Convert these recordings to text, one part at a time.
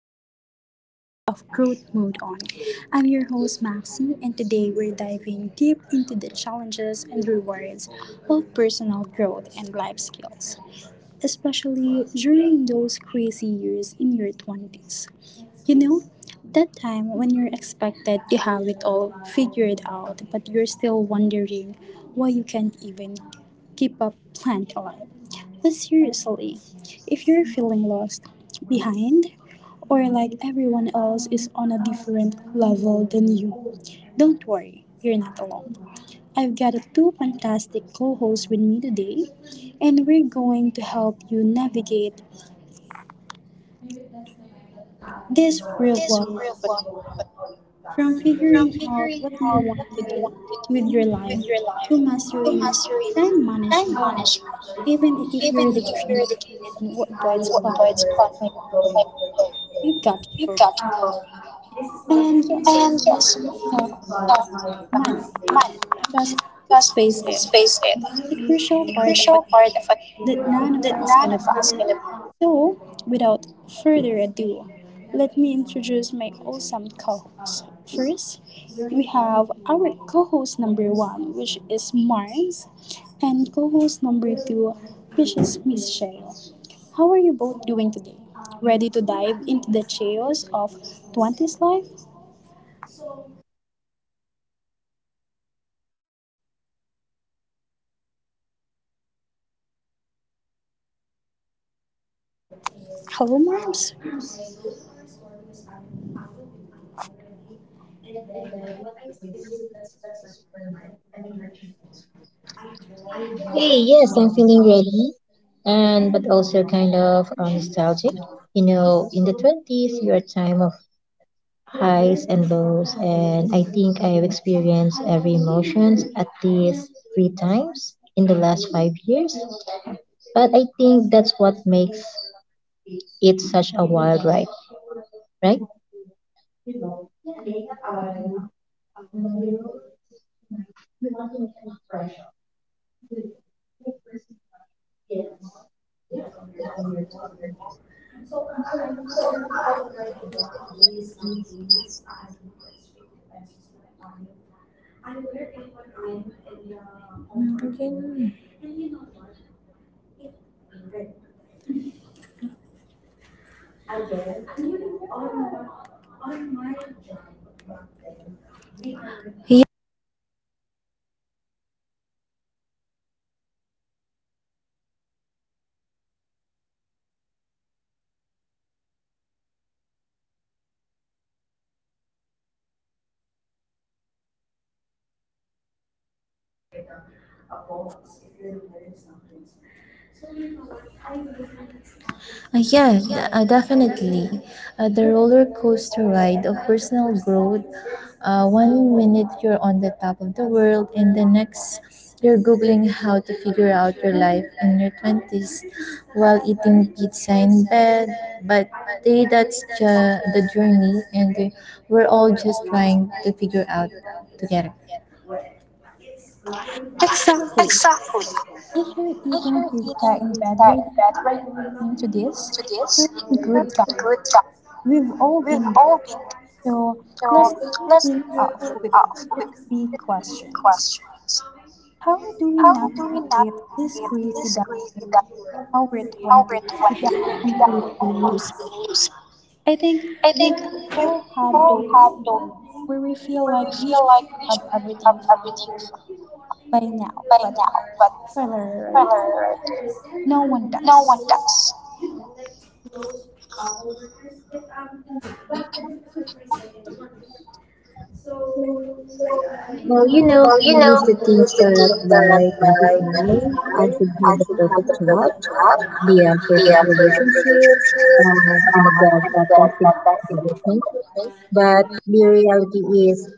another episode of Growth Mode On. I'm your host Maxi, and today we're diving deep into the challenges and rewards of personal growth and life skills, especially during those crazy years in your 20s. You know, that time when you're expected to have it all figured out, but you're still wondering why you can't even keep a plant alive. But seriously, if you're feeling lost, behind, or like everyone else is on a different level than you, don't worry, you're not alone. I've got two fantastic co hosts with me today, and we're going to help you navigate this real world of adulthood. From From figuring out figuring what you out what want to you want do to with your do life with your life to to mastering mastering time time management, even management, if you're even the if kind you're of dedicated person who avoids fun what to its like the book, content, you've got to like you've go. got to grow. And yes, And yes, talk talk about money, money, because let's because face it, let's face it, it's a crucial the part of crucial adulthood part of it that none of that us none can avoid. of us can avoid. So, without further ado, let me introduce my awesome co hosts. First, we have our co host number one, which is Mars, and co host number two, which is Miss Cheryl. How are you both doing today? Ready to dive into the chaos of 20s life? Hello, Mars. Hey, yes, I'm feeling ready and but also kind of nostalgic. You know, in the 20s, you're a time of highs and lows, and I think I've experienced every emotions at least three times in the last 5 years. But I think that's what makes it such a wild ride, right? Yeah, definitely. The roller coaster ride of personal growth. One minute you're on the top of the world, and the next you're Googling how to figure out your life in your 20s while eating pizza in bed. But the journey, and we're all just trying to figure out together. Exactly. Exactly. If you're If eating you're eating pizza in bed pizza right in bed right now now listening to listening this, to you're this, in you're good a company. good guy. We've all been. We've all been there, So let's so let's kick off kick with the off first with big the three questions. questions. How do we How do we navigate this navigate crazy this crazy decade, our dynamic over 20s, 20 without completely without losing? overly losing? I think I we've think all we've had all those had those where we feel where we like we feel should like we have should have everything everything by now, by but now, but spoiler alert, spoiler alert, no one no does. one does. Well, you know, Well, I you used know, to we think used to that think that by by 25, I 25, should I have the should have the perfect job, perfect job, the the imperfect perfect relationship, relationship, and about and a job podcasting that other doesn't thing. everything. But the reality is,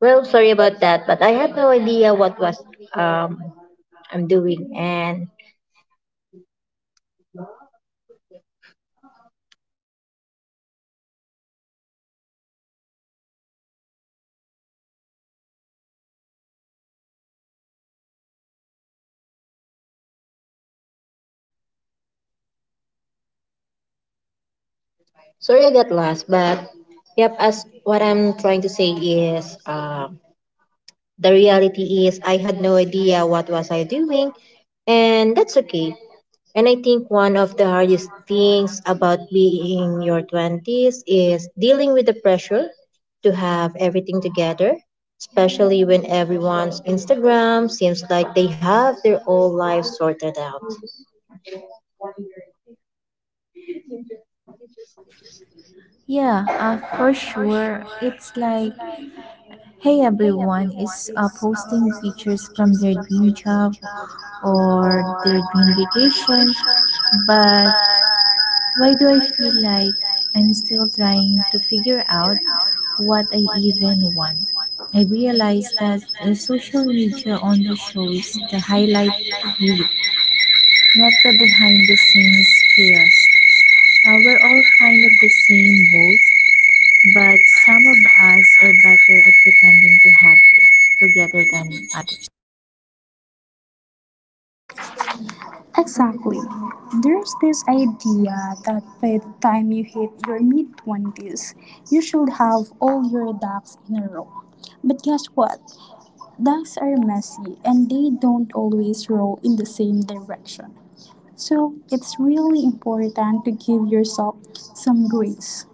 well, sorry about that, but I had no idea what was um I'm doing, and sorry I got lost. But yep, as what I'm trying to say is, the reality is, I had no idea what was I doing, and that's okay. And I think one of the hardest things about being in your 20s is dealing with the pressure to have everything together, especially when everyone's Instagram seems like they have their whole life sorted out. Yeah, for sure. It's like, hey, everyone is posting pictures from their dream job or their dream vacation, but why do I feel like I'm still trying to figure out what I even want? I realize that the social media only shows the highlight reel, not the behind the scenes chaos. We're all kind of the same boat, but some of us are better at pretending to have it together than others. Exactly. There's this idea that by the time you hit your mid 20s, you should have all your ducks in a row. But guess what? Ducks are messy and they don't always roll in the same direction. So it's really important to give yourself some grace.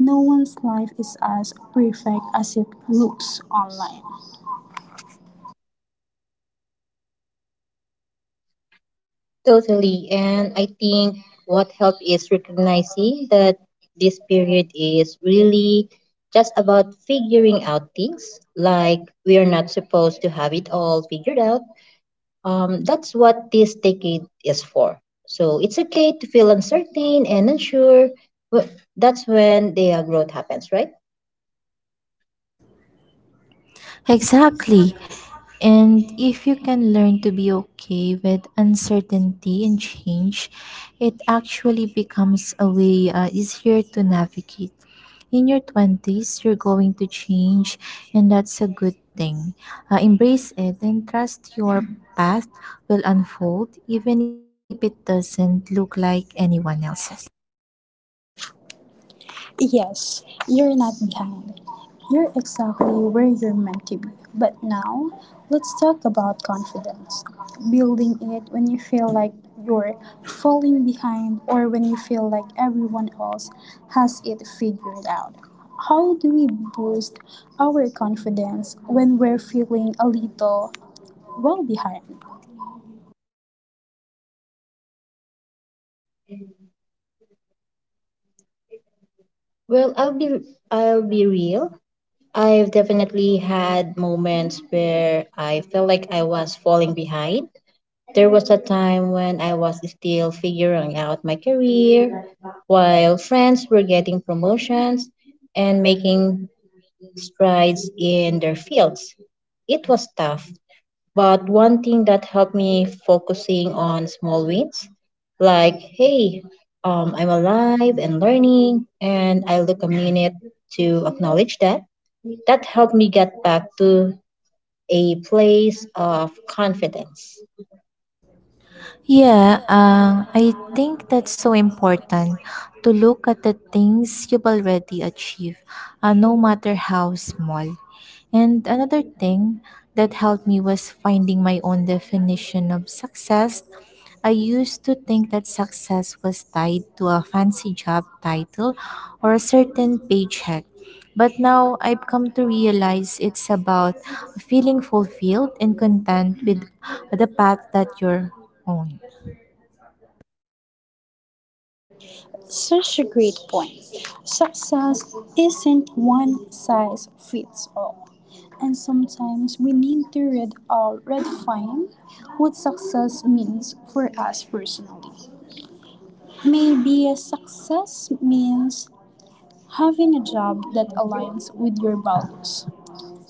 No one's life is as perfect as it looks online. Totally. And I think what helped is recognizing that this period is really just about figuring out things. Like we are not supposed to have it all figured out. That's what this decade is for. So it's okay to feel uncertain and unsure. Wh- That's when the growth happens, right? Exactly. And if you can learn to be okay with uncertainty and change, it actually becomes a way easier to navigate. In your 20s, you're going to change, and that's a good thing. Embrace it and trust your path will unfold even if it doesn't look like anyone else's. Yes, you're not behind. You're exactly where you're meant to be. But now, let's talk about confidence. Building it when you feel like you're falling behind, or when you feel like everyone else has it figured out. How do we boost our confidence when we're feeling a little, well, behind? Well, I'll be real. I've definitely had moments where I felt like I was falling behind. There was a time when I was still figuring out my career, while friends were getting promotions and making strides in their fields. It was tough, but one thing that helped me focusing on small wins, like, hey, I'm alive and learning, and I look a minute to acknowledge that, that helped me get back to a place of confidence. Yeah, I think that's so important to look at the things you've already achieved, no matter how small. And another thing that helped me was finding my own definition of success. I used to think that success was tied to a fancy job title or a certain paycheck. But now I've come to realize it's about feeling fulfilled and content with the path that you're on. Such a great point. Success isn't one size fits all. And sometimes we need to read or redefine what success means for us personally. Maybe success means having a job that aligns with your values.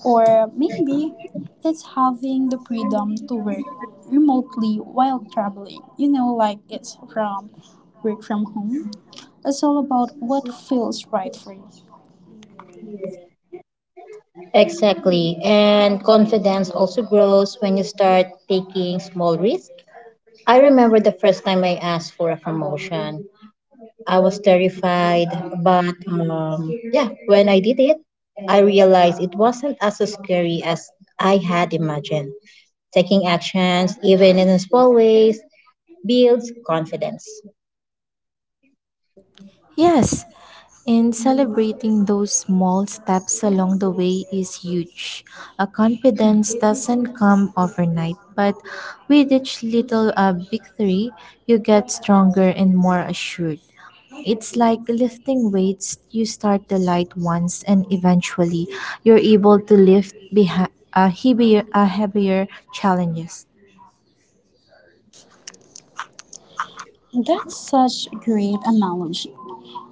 Or maybe it's having the freedom to work remotely while traveling. You know, like it's from work from home, it's all about what feels right for you. Exactly. And confidence also grows when you start taking small risks. I remember the first time I asked for a promotion. I was terrified, but yeah, when I did it, I realized it wasn't as scary as I had imagined. Taking actions, even in small ways, builds confidence. Yes, and celebrating those small steps along the way is huge. A confidence doesn't come overnight, but with each little victory, you get stronger and more assured. It's like lifting weights, you start the light ones, and eventually, you're able to lift heavier challenges. That's such a great analogy.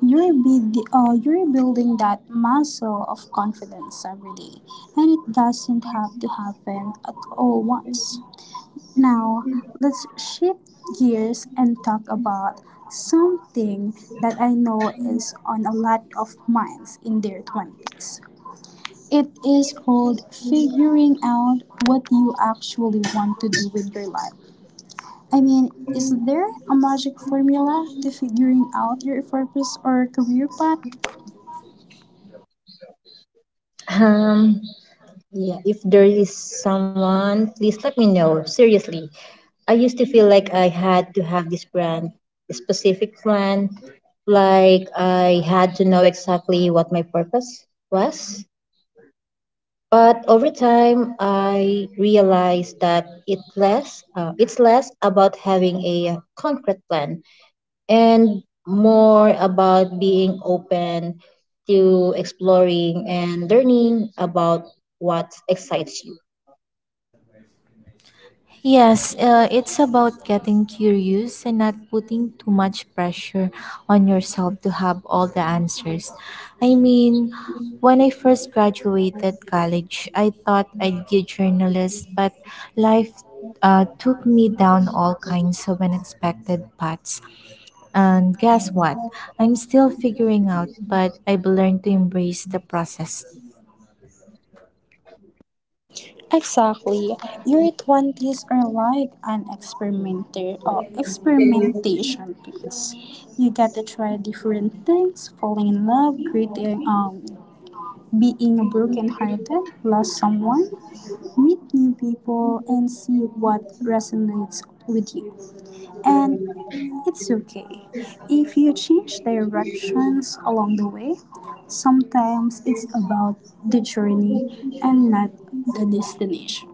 You're building that muscle of confidence every day, and it doesn't have to happen at all once. Now, let's shift gears and talk about something that I know is on a lot of minds in their 20s. It is called figuring out what you actually want to do with your life. I mean, is there a magic formula to figuring out your purpose or career path? Um, Yeah, if there is someone, please let me know. Seriously, I used to feel like I had to have this brand, a specific brand, like I had to know exactly what my purpose was. But over time, I realized that it's less about having a concrete plan and more about being open to exploring and learning about what excites you. Yes, it's about getting curious and not putting too much pressure on yourself to have all the answers. I mean, when I first graduated college, I thought I'd be a journalist, but life took me down all kinds of unexpected paths. And guess what? I'm still figuring out, but I've learned to embrace the process. Exactly. Your 20s are like an experimenter or experimentation piece. You get to try different things, falling in love, creating, being brokenhearted, lost someone, meet new people, and see what resonates with you. And it's okay if you change directions along the way. Sometimes it's about the journey and not the destination.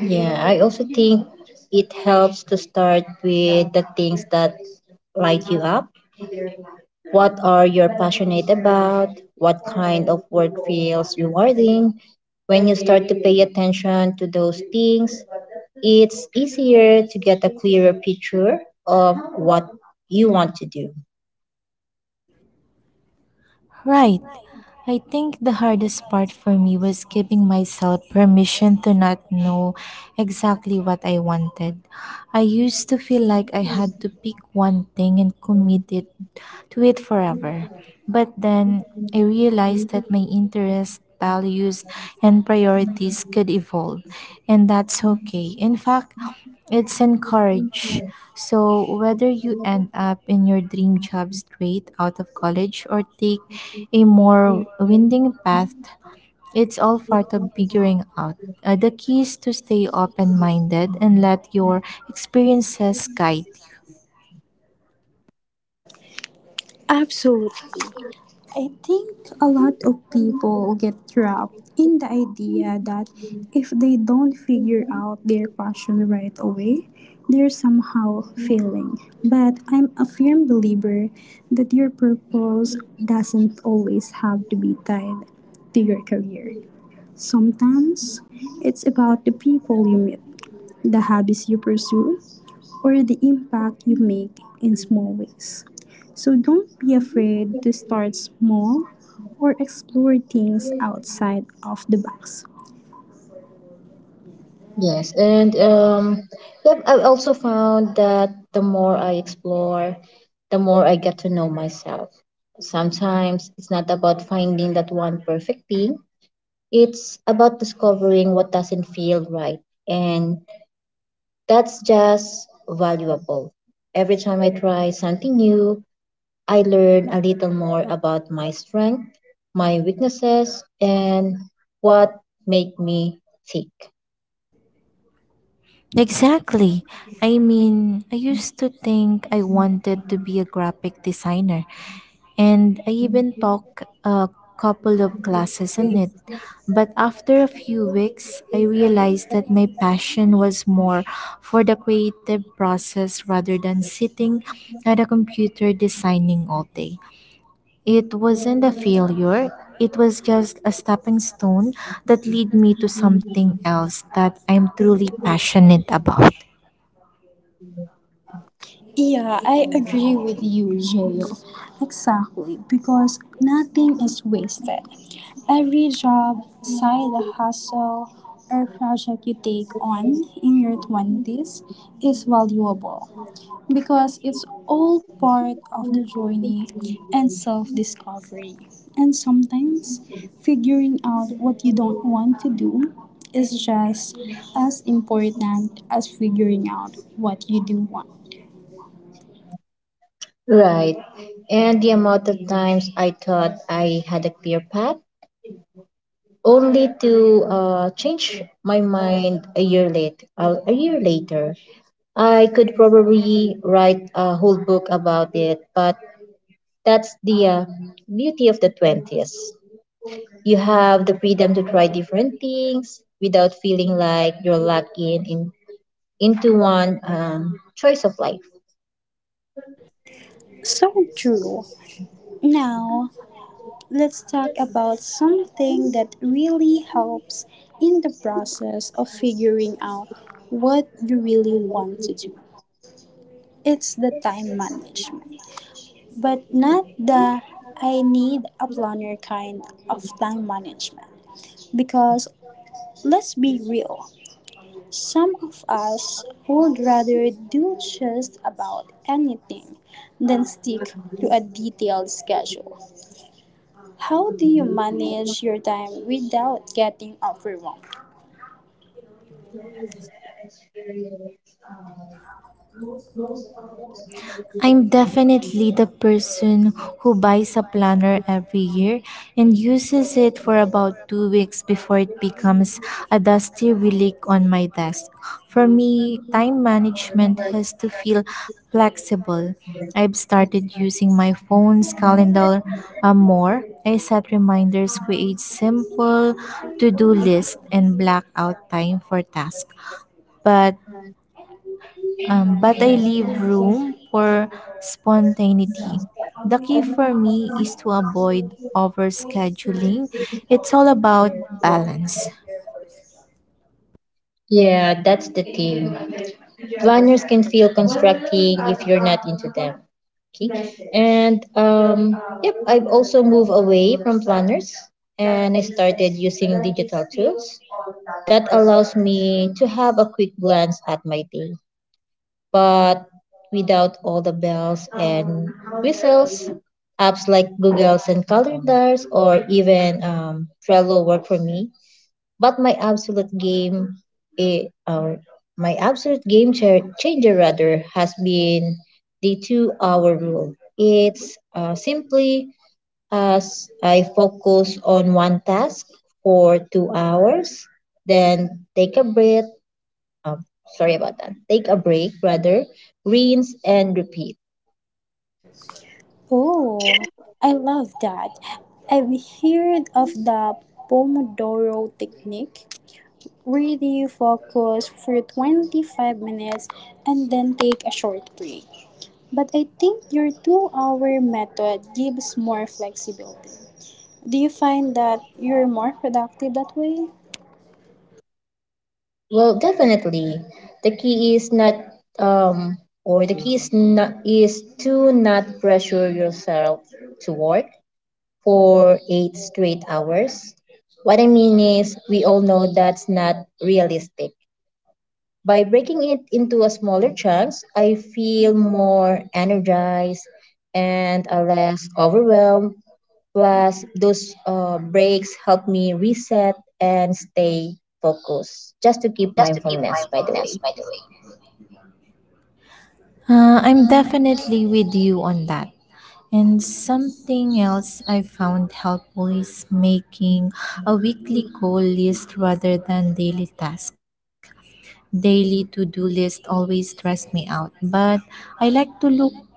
Yeah, I also think it helps to start with the things that light you up. What are you passionate about? What kind of work feels rewarding? When you start to pay attention to those things, it's easier to get a clearer picture of what you want to do. Right, I think the hardest part for me was giving myself permission to not know exactly what I wanted. I used to feel like I had to pick one thing and commit it to it forever. But then I realized that my interests, values, and priorities could evolve, and that's okay. In fact, it's encouraged. So, whether you end up in your dream job straight out of college or take a more winding path, it's all part of figuring out. The key is to stay open minded and let your experiences guide. Absolutely. I think a lot of people get trapped in the idea that if they don't figure out their passion right away, they're somehow failing. But I'm a firm believer that your purpose doesn't always have to be tied to your career. Sometimes it's about the people you meet, the habits you pursue, or the impact you make in small ways. So don't be afraid to start small or explore things outside of the box. Yes, and yep, I've also found that the more I explore, the more I get to know myself. Sometimes it's not about finding that one perfect thing, it's about discovering what doesn't feel right. And that's just valuable. Every time I try something new, I learn a little more about my strength, my weaknesses, and what make me tick. Exactly. I mean, I used to think I wanted to be a graphic designer, and I even took a couple of classes on it. But after a few weeks, I realized that my passion was more for the creative process rather than sitting at a computer designing all day. It wasn't a failure, it was just a stepping stone that led me to something else that I'm truly passionate about. Yeah, I agree with you, Jayo. Exactly, because nothing is wasted. Every job, side hustle, or project you take on in your 20s is valuable, because it's all part of the journey and self discovery. And sometimes figuring out what you don't want to do is just as important as figuring out what you do want. Right. And the amount of times I thought I had a clear path, only to change my mind a year late. A year later, I could probably write a whole book about it. But that's the beauty of the 20s. You have the freedom to try different things without feeling like you're locked in into one choice of life. So true. Now, let's talk about something that really helps in the process of figuring out what you really want to do. It's the time management, but not the "I need a planner" kind of time management. Because let's be real, some of us would rather do just about anything than stick to a detailed schedule. How do you manage your time without getting overwhelmed? I'm definitely the person who buys a planner every year and uses it for about 2 weeks before it becomes a dusty relic on my desk. For me, time management has to feel flexible. I've started using my phone's calendar more. I set reminders, create simple to do lists, and black out time for tasks. But but I leave room for spontaneity. The key for me is to avoid overscheduling. It's all about balance. Yeah, that's the thing. Planners can feel constructing if you're not into them. Okay. And yep, I've also moved away from planners and I started using digital tools. That allows me to have a quick glance at my day, but without all the bells and whistles. Apps like Google's and calendars or even Trello work for me but eh, or my absolute game changer rather has been the two-hour rule. It's simply as I focus on one task for 2 hours, then take a breath. Um, sorry about that. Take a break rather, rinse and repeat. Oh, I love that. I've heard of the Pomodoro technique. Really focus for 25 minutes and then take a short break. But I think your 2 hour method gives more flexibility. Do you find that you're more productive that way? Well, definitely. The key is not um the key is not is to not pressure yourself to work for 8 straight hours. What I mean is we all know that's not realistic. By breaking it into a smaller chunks, I feel more energized and less overwhelmed. Plus, those breaks help me reset and stay focused, just to keep Just to keep mindfulness, by the mindfulness, way. by the way. I'm definitely with you on that. And something else I found helpful is making a weekly goal list rather than daily task. Daily to-do list always stress me out, but I like to look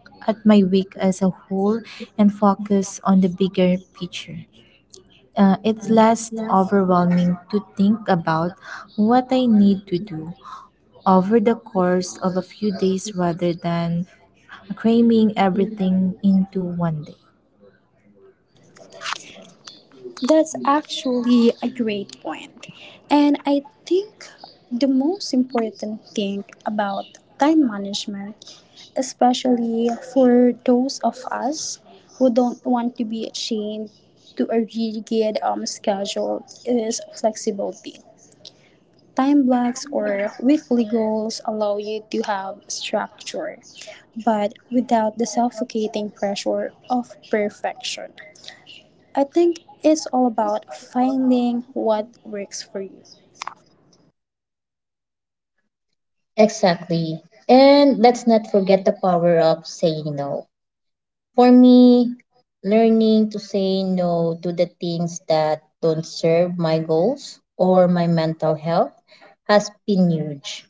at my week as a whole and focus on the bigger picture. It's less overwhelming to think about what I need to do over the course of a few days rather than cramming everything into one day. That's actually a great point. And I think the most important thing about time management, especially for those of us who don't want to be chained to a rigid schedule, is flexibility. Time blocks or weekly goals allow you to have structure, but without the suffocating pressure of perfection. I think it's all about finding what works for you. Exactly. And let's not forget the power of saying no. For me, learning to say no to the things that don't serve my goals or my mental health has been huge.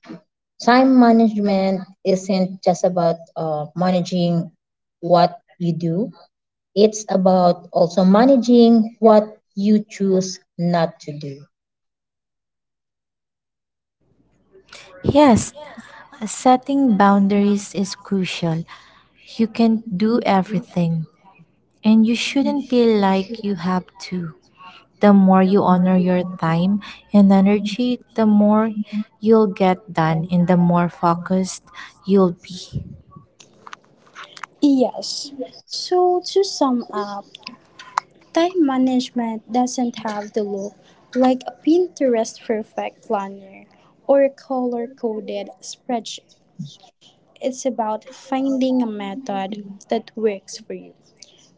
Time management isn't just about managing what you do, it's about also managing what you choose not to do. Yes, setting boundaries is crucial. You can't do everything, and you shouldn't feel like you have to. The more you honor your time and energy, the more you'll get done and the more focused you'll be. Yes. So to sum up, time management doesn't have to look like a Pinterest perfect planner or a color coded spreadsheet. It's about finding a method that works for you,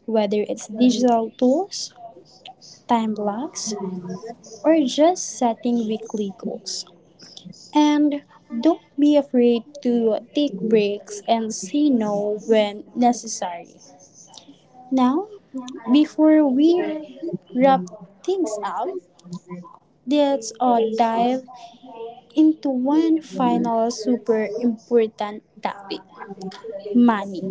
whether it's digital tools, time blocks, or just setting weekly goals. And don't be afraid to take breaks and say no when necessary. Now, before we wrap things up, let's dive into one final super important topic: money.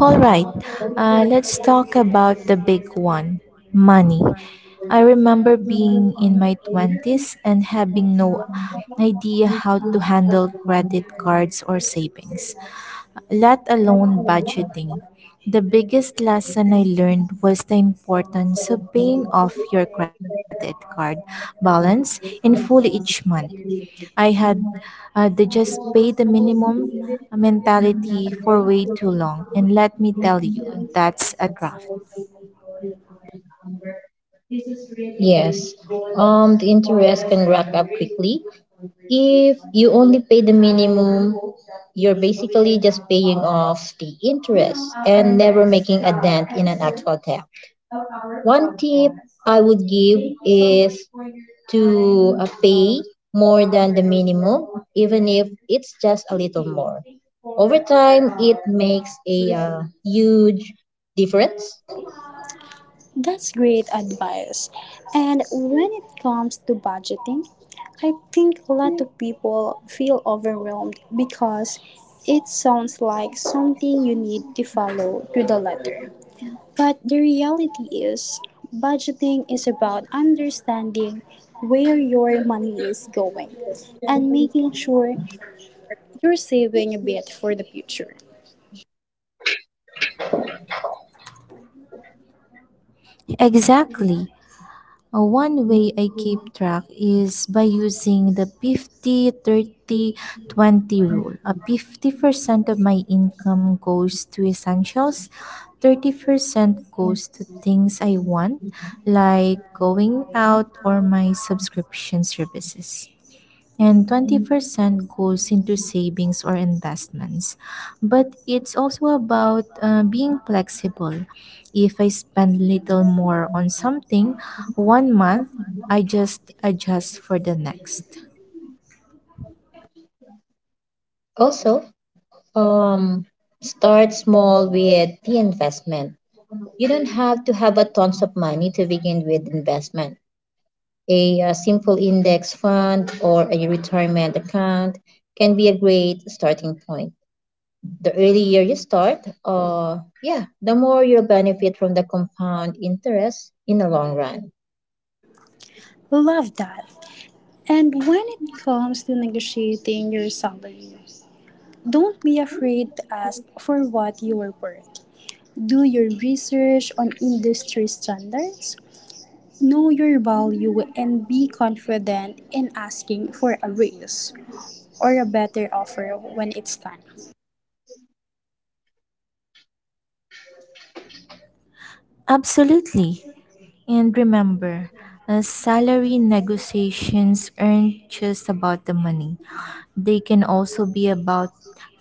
All right, let's talk about the big one money. I remember being in my 20s and having no idea how to handle credit cards or savings let alone budgeting. The biggest lesson I learned was the importance of paying off your credit card balance in full each month. I had the just pay the minimum mentality for way too long, and let me tell you, that's a draft. Yes, the interest can rack up quickly. If you only pay the minimum, you're basically just paying off the interest and never making a dent in an actual debt. One tip I would give is to pay more than the minimum, even if it's just a little more. Over time, it makes a huge difference. That's great advice. And when it comes to budgeting, I think a lot of people feel overwhelmed because it sounds like something you need to follow to the letter. But the reality is, budgeting is about understanding where your money is going and making sure you're saving a bit for the future. Exactly. One way I keep track is by using the 50 30 20 rule. 50% of my income goes to essentials, 30% goes to things I want, like going out or my subscription services and 20% goes into savings or investments. But it's also about being flexible. If I spend little more on something one month, I just adjust for the next. Also, um, start small with the investment. You don't have to have a tons of money to begin with investment. A, simple index fund or a retirement account can be a great starting point. The earlier you start, yeah, the more you'll benefit from the compound interest in the long run. Love that. And when it comes to negotiating your salary, don't be afraid to ask for what you are worth. Do your research on industry standards, know your value, and be confident in asking for a raise or a better offer when it's time. Absolutely. And remember, salary negotiations aren't just about the money. They can also be about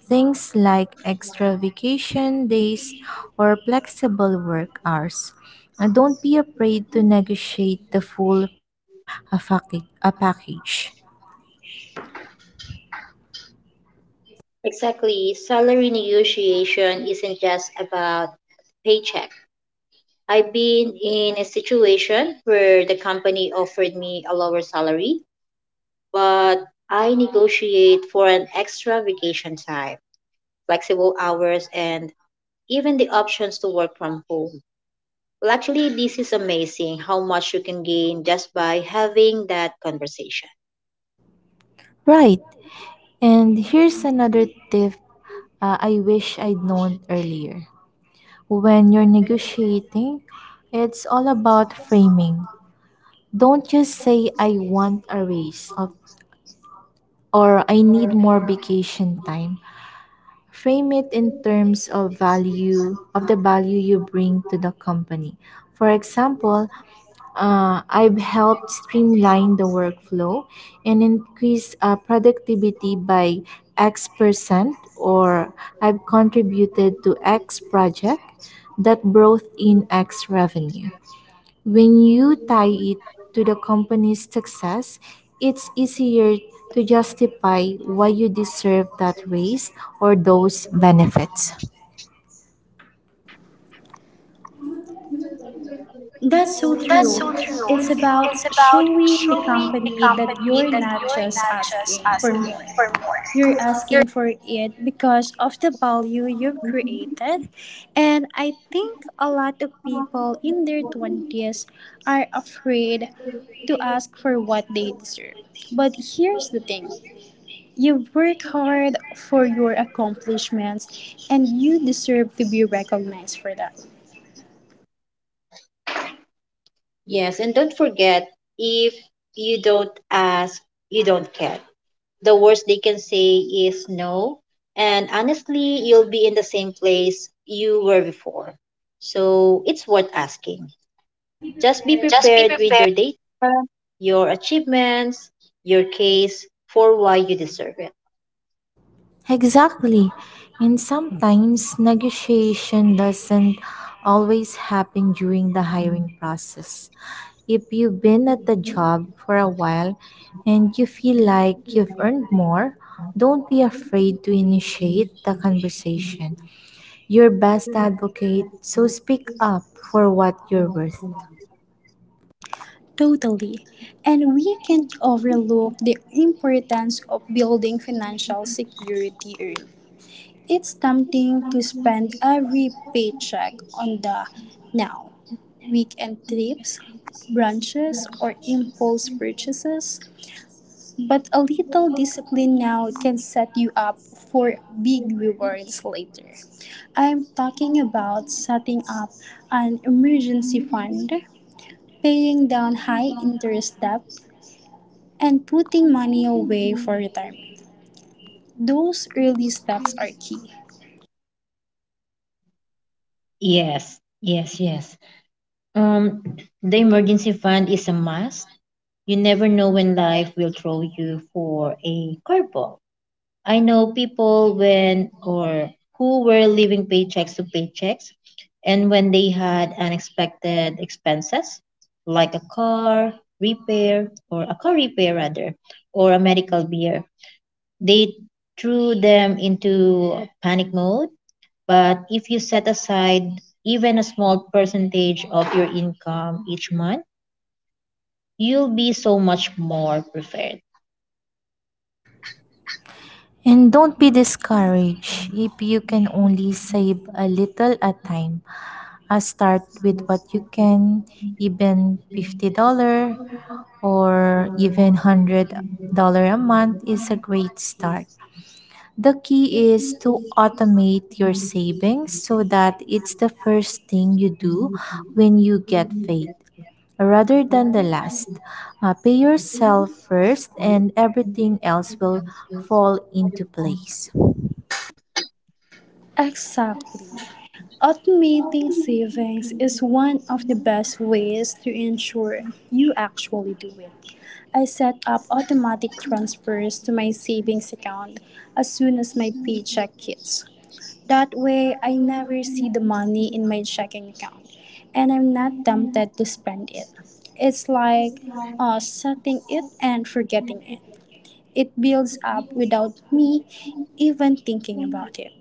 things like extra vacation days or flexible work hours. Don't be afraid to negotiate the full package. Exactly. Salary negotiation isn't just about paycheck. I've been in a situation where the company offered me a lower salary, but I negotiate for an extra vacation time, flexible hours, and even the options to work from home. Well, actually, this is amazing how much you can gain just by having that conversation. Right. And here's another tip I wish I'd known earlier. When you're negotiating, it's all about framing. Don't just say I want a raise of, or I need more vacation time, frame it in terms of value of the value you bring to the company. For example, I've helped streamline the workflow and increase productivity by x percent, or I've contributed to x project that brought in x revenue. When you tie it to the company's success, it's easier to justify why you deserve that raise or those benefits. That's so That's true. so true. It's about It's about showing the showing the company that company you're that not you're just not just asking for asking more. for more. You're asking for it because of the value you've created. And I think a lot of people in their 20s are afraid to ask for what they deserve. But here's the thing: you've worked hard for your accomplishments, and you deserve to be recognized for that. Yes, and don't forget, if you don't ask, you don't get. The worst they can say is no, and honestly, you'll be in the same place you were before. So it's worth asking. Just be prepared with your date, your achievements, your case for why you deserve it. Exactly. And sometimes negotiation doesn't always happen during the hiring process. If you've been at the job for a while and you feel like you've earned more, don't be afraid to initiate the conversation. Your best advocate, so speak up for what you're worth. Totally. And we can't overlook the importance of building financial security early. It's tempting to spend every paycheck on the now, weekend trips, brunches, or impulse purchases. But a little discipline now can set you up for big rewards later. I'm talking about setting up an emergency fund, paying down high interest debt, and putting money away for retirement. Those early steps are key. Yes, yes, yes. Um, the emergency fund is a must. You never know when life will throw you for a curveball. I know people when or who were living paychecks to paychecks and when they had unexpected expenses like a car repair rather or a medical bill, they threw them into panic mode. But if you set aside even a small percentage of your income each month, you'll be so much more prepared. And don't be discouraged if you can only save a little at a time. Start with what you can, even $50 or even $100 a month is a great start. The key is to automate your savings so that it's the first thing you do when you get paid rather than the last. Pay yourself first and everything else will fall into place. Exactly. Automating savings is one of the best ways to ensure you actually do it. I set up automatic transfers to my savings account as soon as my paycheck hits. That way, I never see the money in my checking account and I'm not tempted to spend it. It's like setting it and forgetting it. It builds up without me even thinking about it.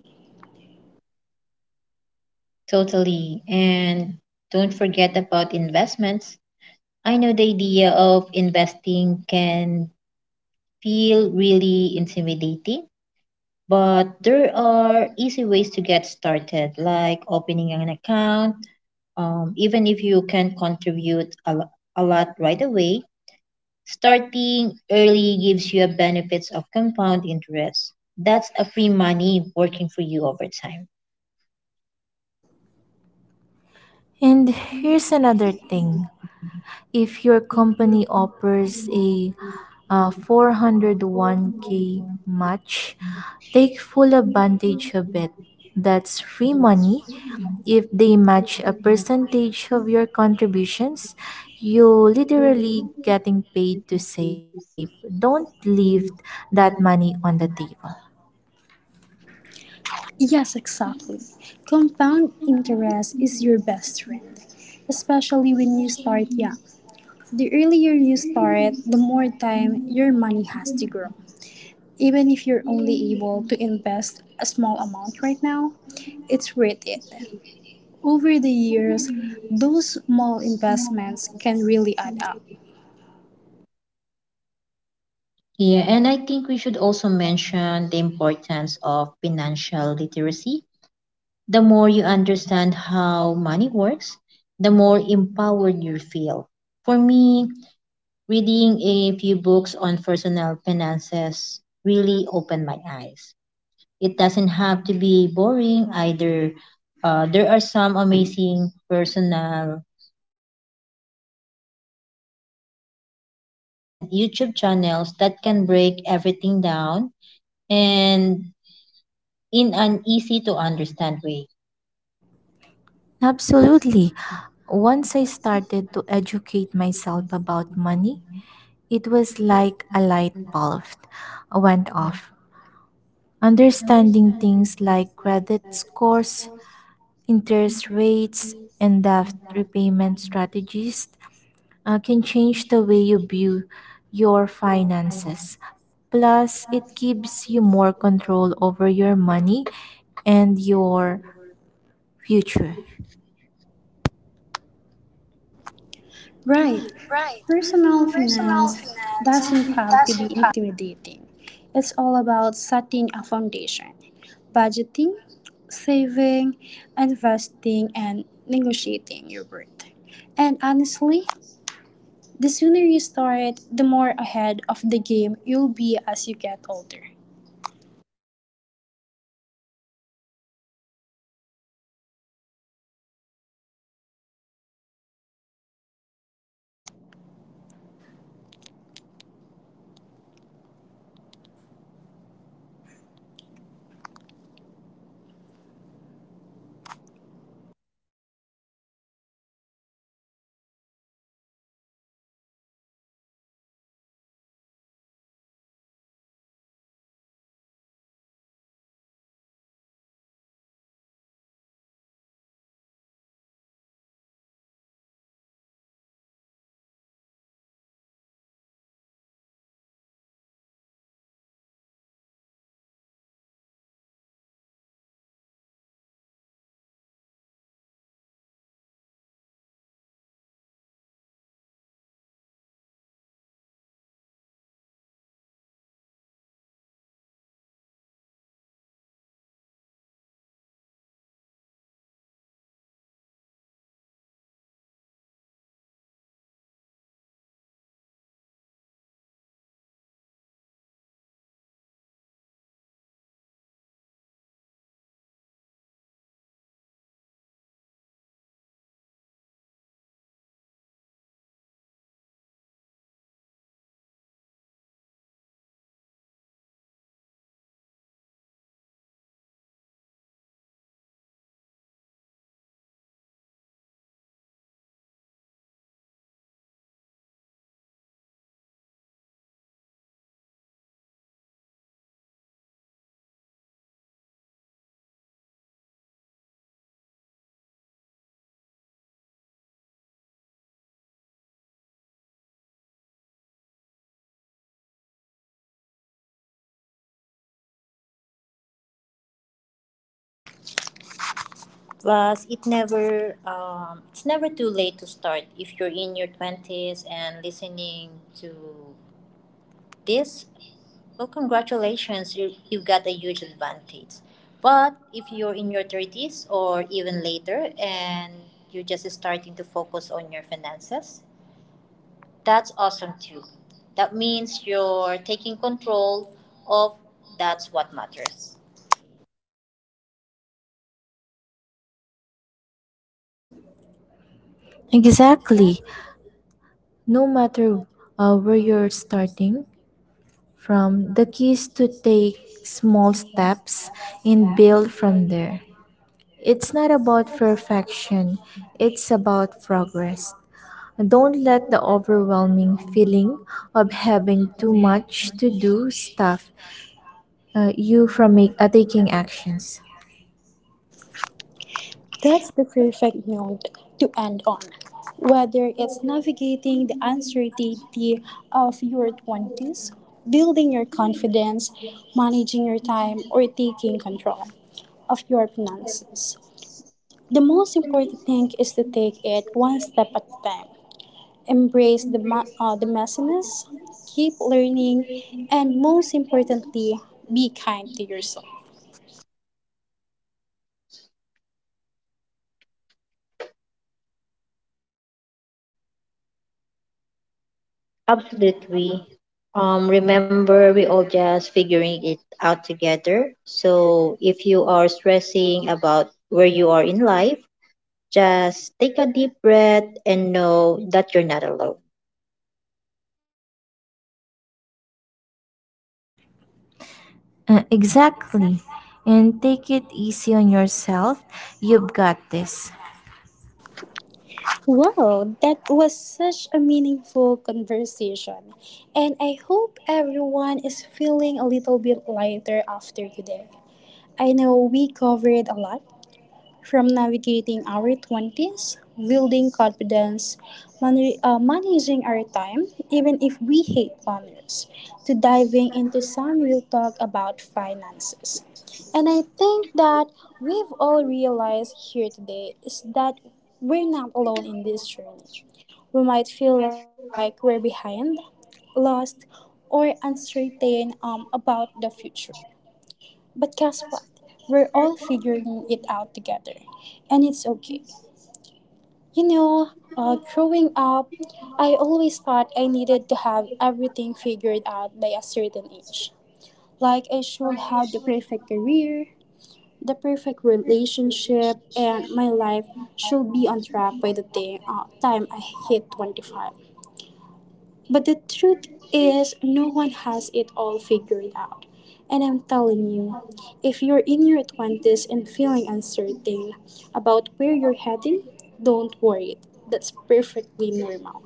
Totally. And don't forget about investments. I know the idea of investing can feel really intimidating, but there are easy ways to get started, like opening an account. Even if you can contribute a lot right away, starting early gives you a benefits of compound interest. That's a free money working for you over time. And here's another thing, if your company offers a 401k match, take full advantage of it. That's free money. If they match a percentage of your contributions, you are literally getting paid to save. Don't leave that money on the table. Yes, exactly. Compound interest is your best friend, especially when you start young. The earlier you start, the more time your money has to grow. Even if you're only able to invest a small amount right now, it's worth it. Over the years, those small investments can really add up. Yeah, and I think we should also mention the importance of financial literacy. The more you understand how money works, the more empowered you feel. For me, reading a few books on personal finances really opened my eyes. It doesn't have to be boring either. There are some amazing personal finance blog, podcasts, and YouTube channels that can break everything down and in an easy to understand way. Absolutely. Once I started to educate myself about money, it was like a light bulb went off. Understanding things like credit scores, interest rates, and debt repayment strategies can change the way you view your finances. Plus, it gives you more control over your money and your future. Right. Right. Personal Personal finance finance doesn't have to be doesn't have. intimidating. It's all about setting a foundation, budgeting, saving, investing, and negotiating your worth. And honestly, the sooner you start, the more ahead of the game you'll be as you get older. Plus, it's never too late to start. If you're in your 20s and listening to this, well, congratulations, you've got a huge advantage. But if you're in your 30s or even later and you're just starting to focus on your finances, that's awesome too. That means you're taking control of, that's what matters. Exactly. No matter where you're starting, from the keys to take small steps and build from there. It's not about perfection, it's about progress. Don't let the overwhelming feeling of having too much to do stop you from taking actions. That's the perfect note to end on. Whether it's navigating the uncertainty of your 20s, building your confidence, managing your time, or taking control of your finances. The most important thing is to take it one step at a time. Embrace the messiness, keep learning, and most importantly, be kind to yourself. Absolutely. Remember, we all just figuring it out together. So if you are stressing about where you are in life, just take a deep breath and know that you're not alone. Exactly. And take it easy on yourself. You've got this. Wow, that was such a meaningful conversation. And I hope everyone is feeling a little bit lighter after today. I know we covered a lot, from navigating our 20s, building confidence, man- managing our time, even if we hate planners, to diving into some real talk about finances. And I think that we've all realized here today is that we're not alone in this journey. We might feel like we're behind, lost, or uncertain about the future. But guess what? We're all figuring it out together, and it's okay. You know, growing up, I always thought I needed to have everything figured out by a certain age. Like, I should have the perfect career, the perfect relationship, and my life should be on track by the time I hit 25. But the truth is, no one has it all figured out. And I'm telling you, if you're in your 20s and feeling uncertain about where you're heading, don't worry. That's perfectly normal.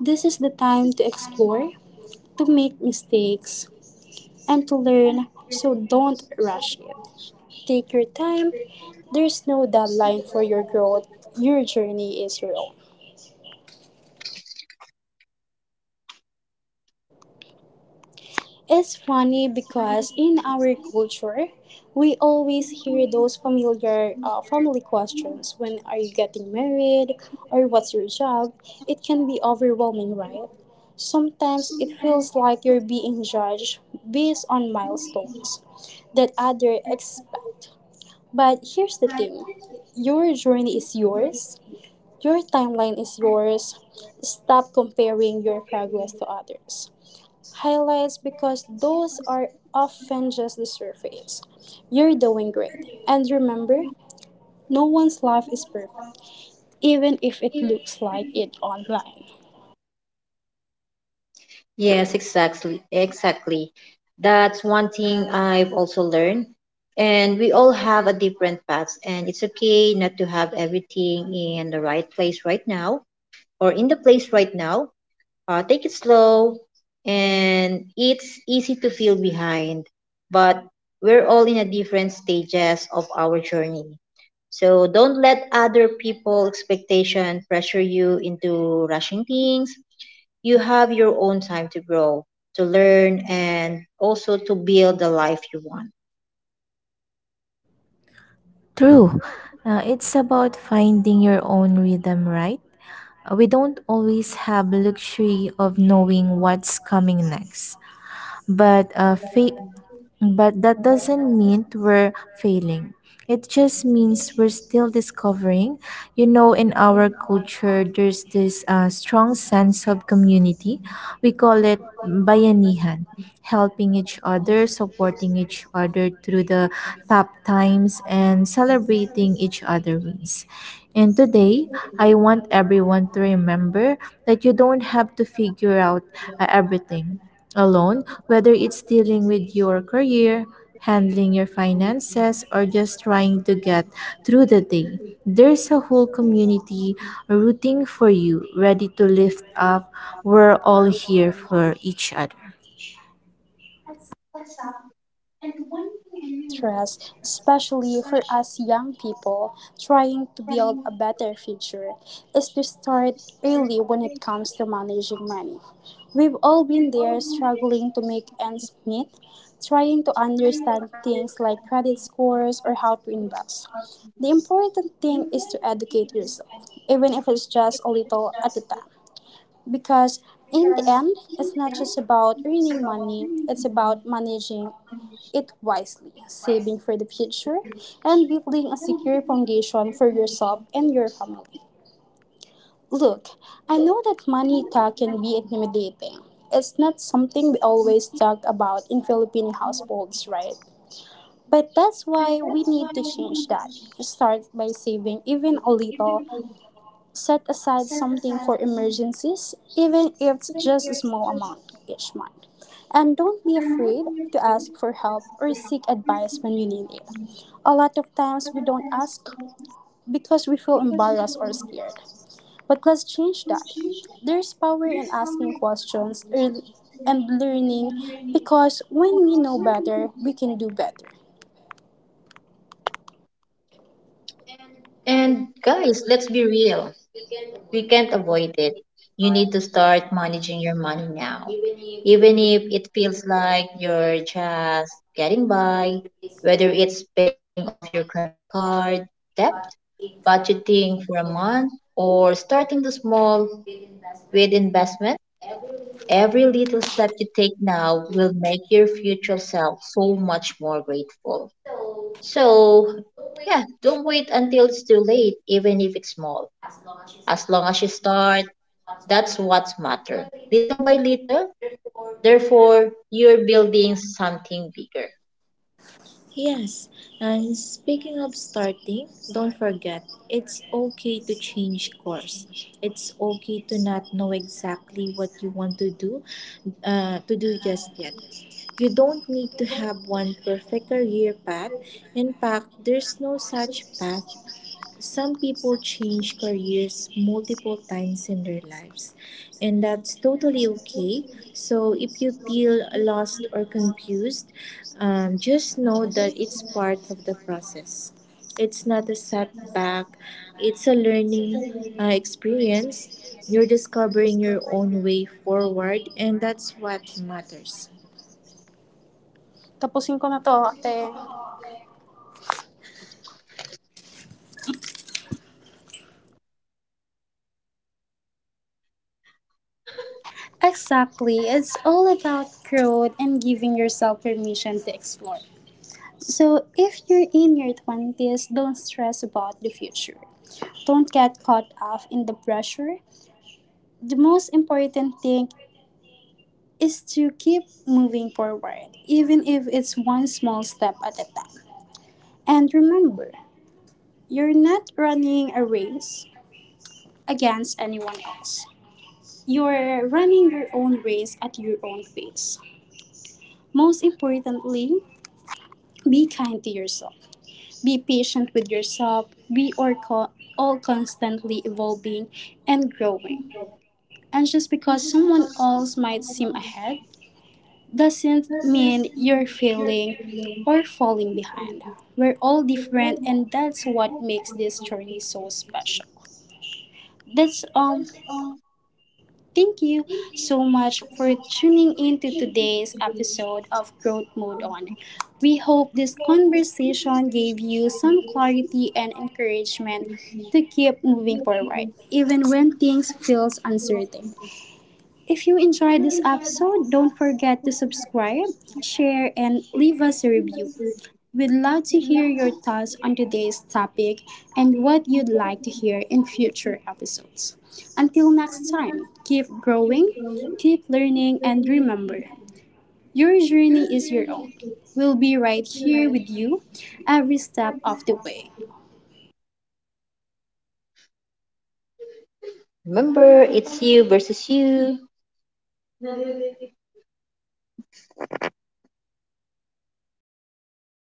This is the time to explore, to make mistakes, and to learn, so don't rush it. Take your time. There's no deadline for your growth. Your journey is your own. It's funny because in our culture, we always hear those familiar family questions: when are you getting married or what's your job? It can be overwhelming, right? Sometimes it feels like you're being judged based on milestones that others expect. But here's the thing: your journey is yours, your timeline is yours. Stop comparing your progress to others' highlights, because those are often just the surface. You're doing great. And remember, no one's life is perfect, even if it looks like it online. Yes, exactly. Exactly. That's one thing I've also learned. And we all have a different paths, and it's okay not to have everything in the place right now. Take it slow, and it's easy to feel behind, but we're all in a different stages of our journey. So don't let other people expectation pressure you into rushing things. You have your own time to grow, to learn and also to build the life you want. True. It's about finding your own rhythm, right? We don't always have luxury of knowing what's coming next, but uh, fa- but that doesn't mean we're failing. It just means we're still discovering. You know, in our culture, there's this strong sense of community. We call it bayanihan, helping each other, supporting each other through the tough times, and celebrating each other wins. And today, I want everyone to remember that you don't have to figure out everything alone, whether it's dealing with your career, handling your finances, or just trying to get through the day. There's a whole community rooting for you, ready to lift up. We're all here for each other. Exactly. And one thing I really want to stress, especially for us young people trying to build a better future, is to start early when it comes to managing money. We've all been there, struggling to make ends meet, trying to understand things like credit scores or how to invest. The important thing is to educate yourself, even if it's just a little at a time. Because in the end, it's not just about earning money, it's about managing it wisely, saving for the future, and building a secure foundation for yourself and your family. Look, I know that money talk can be intimidating. It's not something we always talk about in Filipino households, right? But that's why we need to change that. Start by saving even a little. Set aside something for emergencies, even if it's just a small amount each month. And don't be afraid to ask for help or seek advice when you need it. A lot of times we don't ask because we feel embarrassed or scared. But let's change that. There's power in asking questions and learning, because when we know better, we can do better. And guys, let's be real. We can't avoid it. You need to start managing your money now. Even if it feels like you're just getting by, Risk whether based it's paying off your credit card debt, budgeting for budgeting for a month, or starting the small good investment with investment, every week. every little step you take now will make your future self so much more grateful. So So, don't wait, yeah, don't wait until it's too late, even if it's small. as long as you start As long as you start, once month. that's what matters. Like the Little by little, third or your therefore, you're building something bigger. yes, Yes, and and speaking speaking of of starting, starting, don't don't forget forget, it's it's okay okay to to change change course. course. It's It's okay okay to to not not know know exactly exactly what what you you want want to do, to do just just yet. yet. You You don't don't need need to to have have one one perfect perfect career career path. path. In In fact, fact, there's there's no no such such path. path. Some Some people people change change careers careers multiple multiple times times in in their their lives, lives, and and that's that's totally totally okay. okay. So, So, if if you you feel feel lost lost or or confused, confused, just just know know that that it's it's part part of of the the process. process. It's It's not not a a setback, setback, it's it's a a learning learning experience. experience. You're You're discovering discovering your your own own way way forward, forward, and and that's that's what what matters. matters. Tapusin ko na to, ate. Exactly. It's all about growth and giving yourself permission to explore. So, if you're in your 20s, don't stress about the future. Don't get caught up in the pressure. The most important thing is to keep moving forward, even if it's one small step at a time. And remember, you're not running a race against anyone else. You're running your own race at your own pace. Most importantly, be kind to yourself. Be patient with yourself. We are all constantly evolving and growing. And just because someone else might seem ahead doesn't mean you're failing or falling behind. We're all different, and that's what makes this journey so special. That's Thank you so much for tuning in to today's episode of Growth Mode On. We hope this conversation gave you some clarity and encouragement to keep moving forward, even when things feels uncertain. If you enjoyed this episode, don't forget to subscribe, share, and leave us a review. We'd love to hear your thoughts on today's topic and what you'd like to hear in future episodes. Until next time, keep growing, keep learning, and remember your journey is your own. We'll be right here with you every step of the way. Remember, it's you versus you.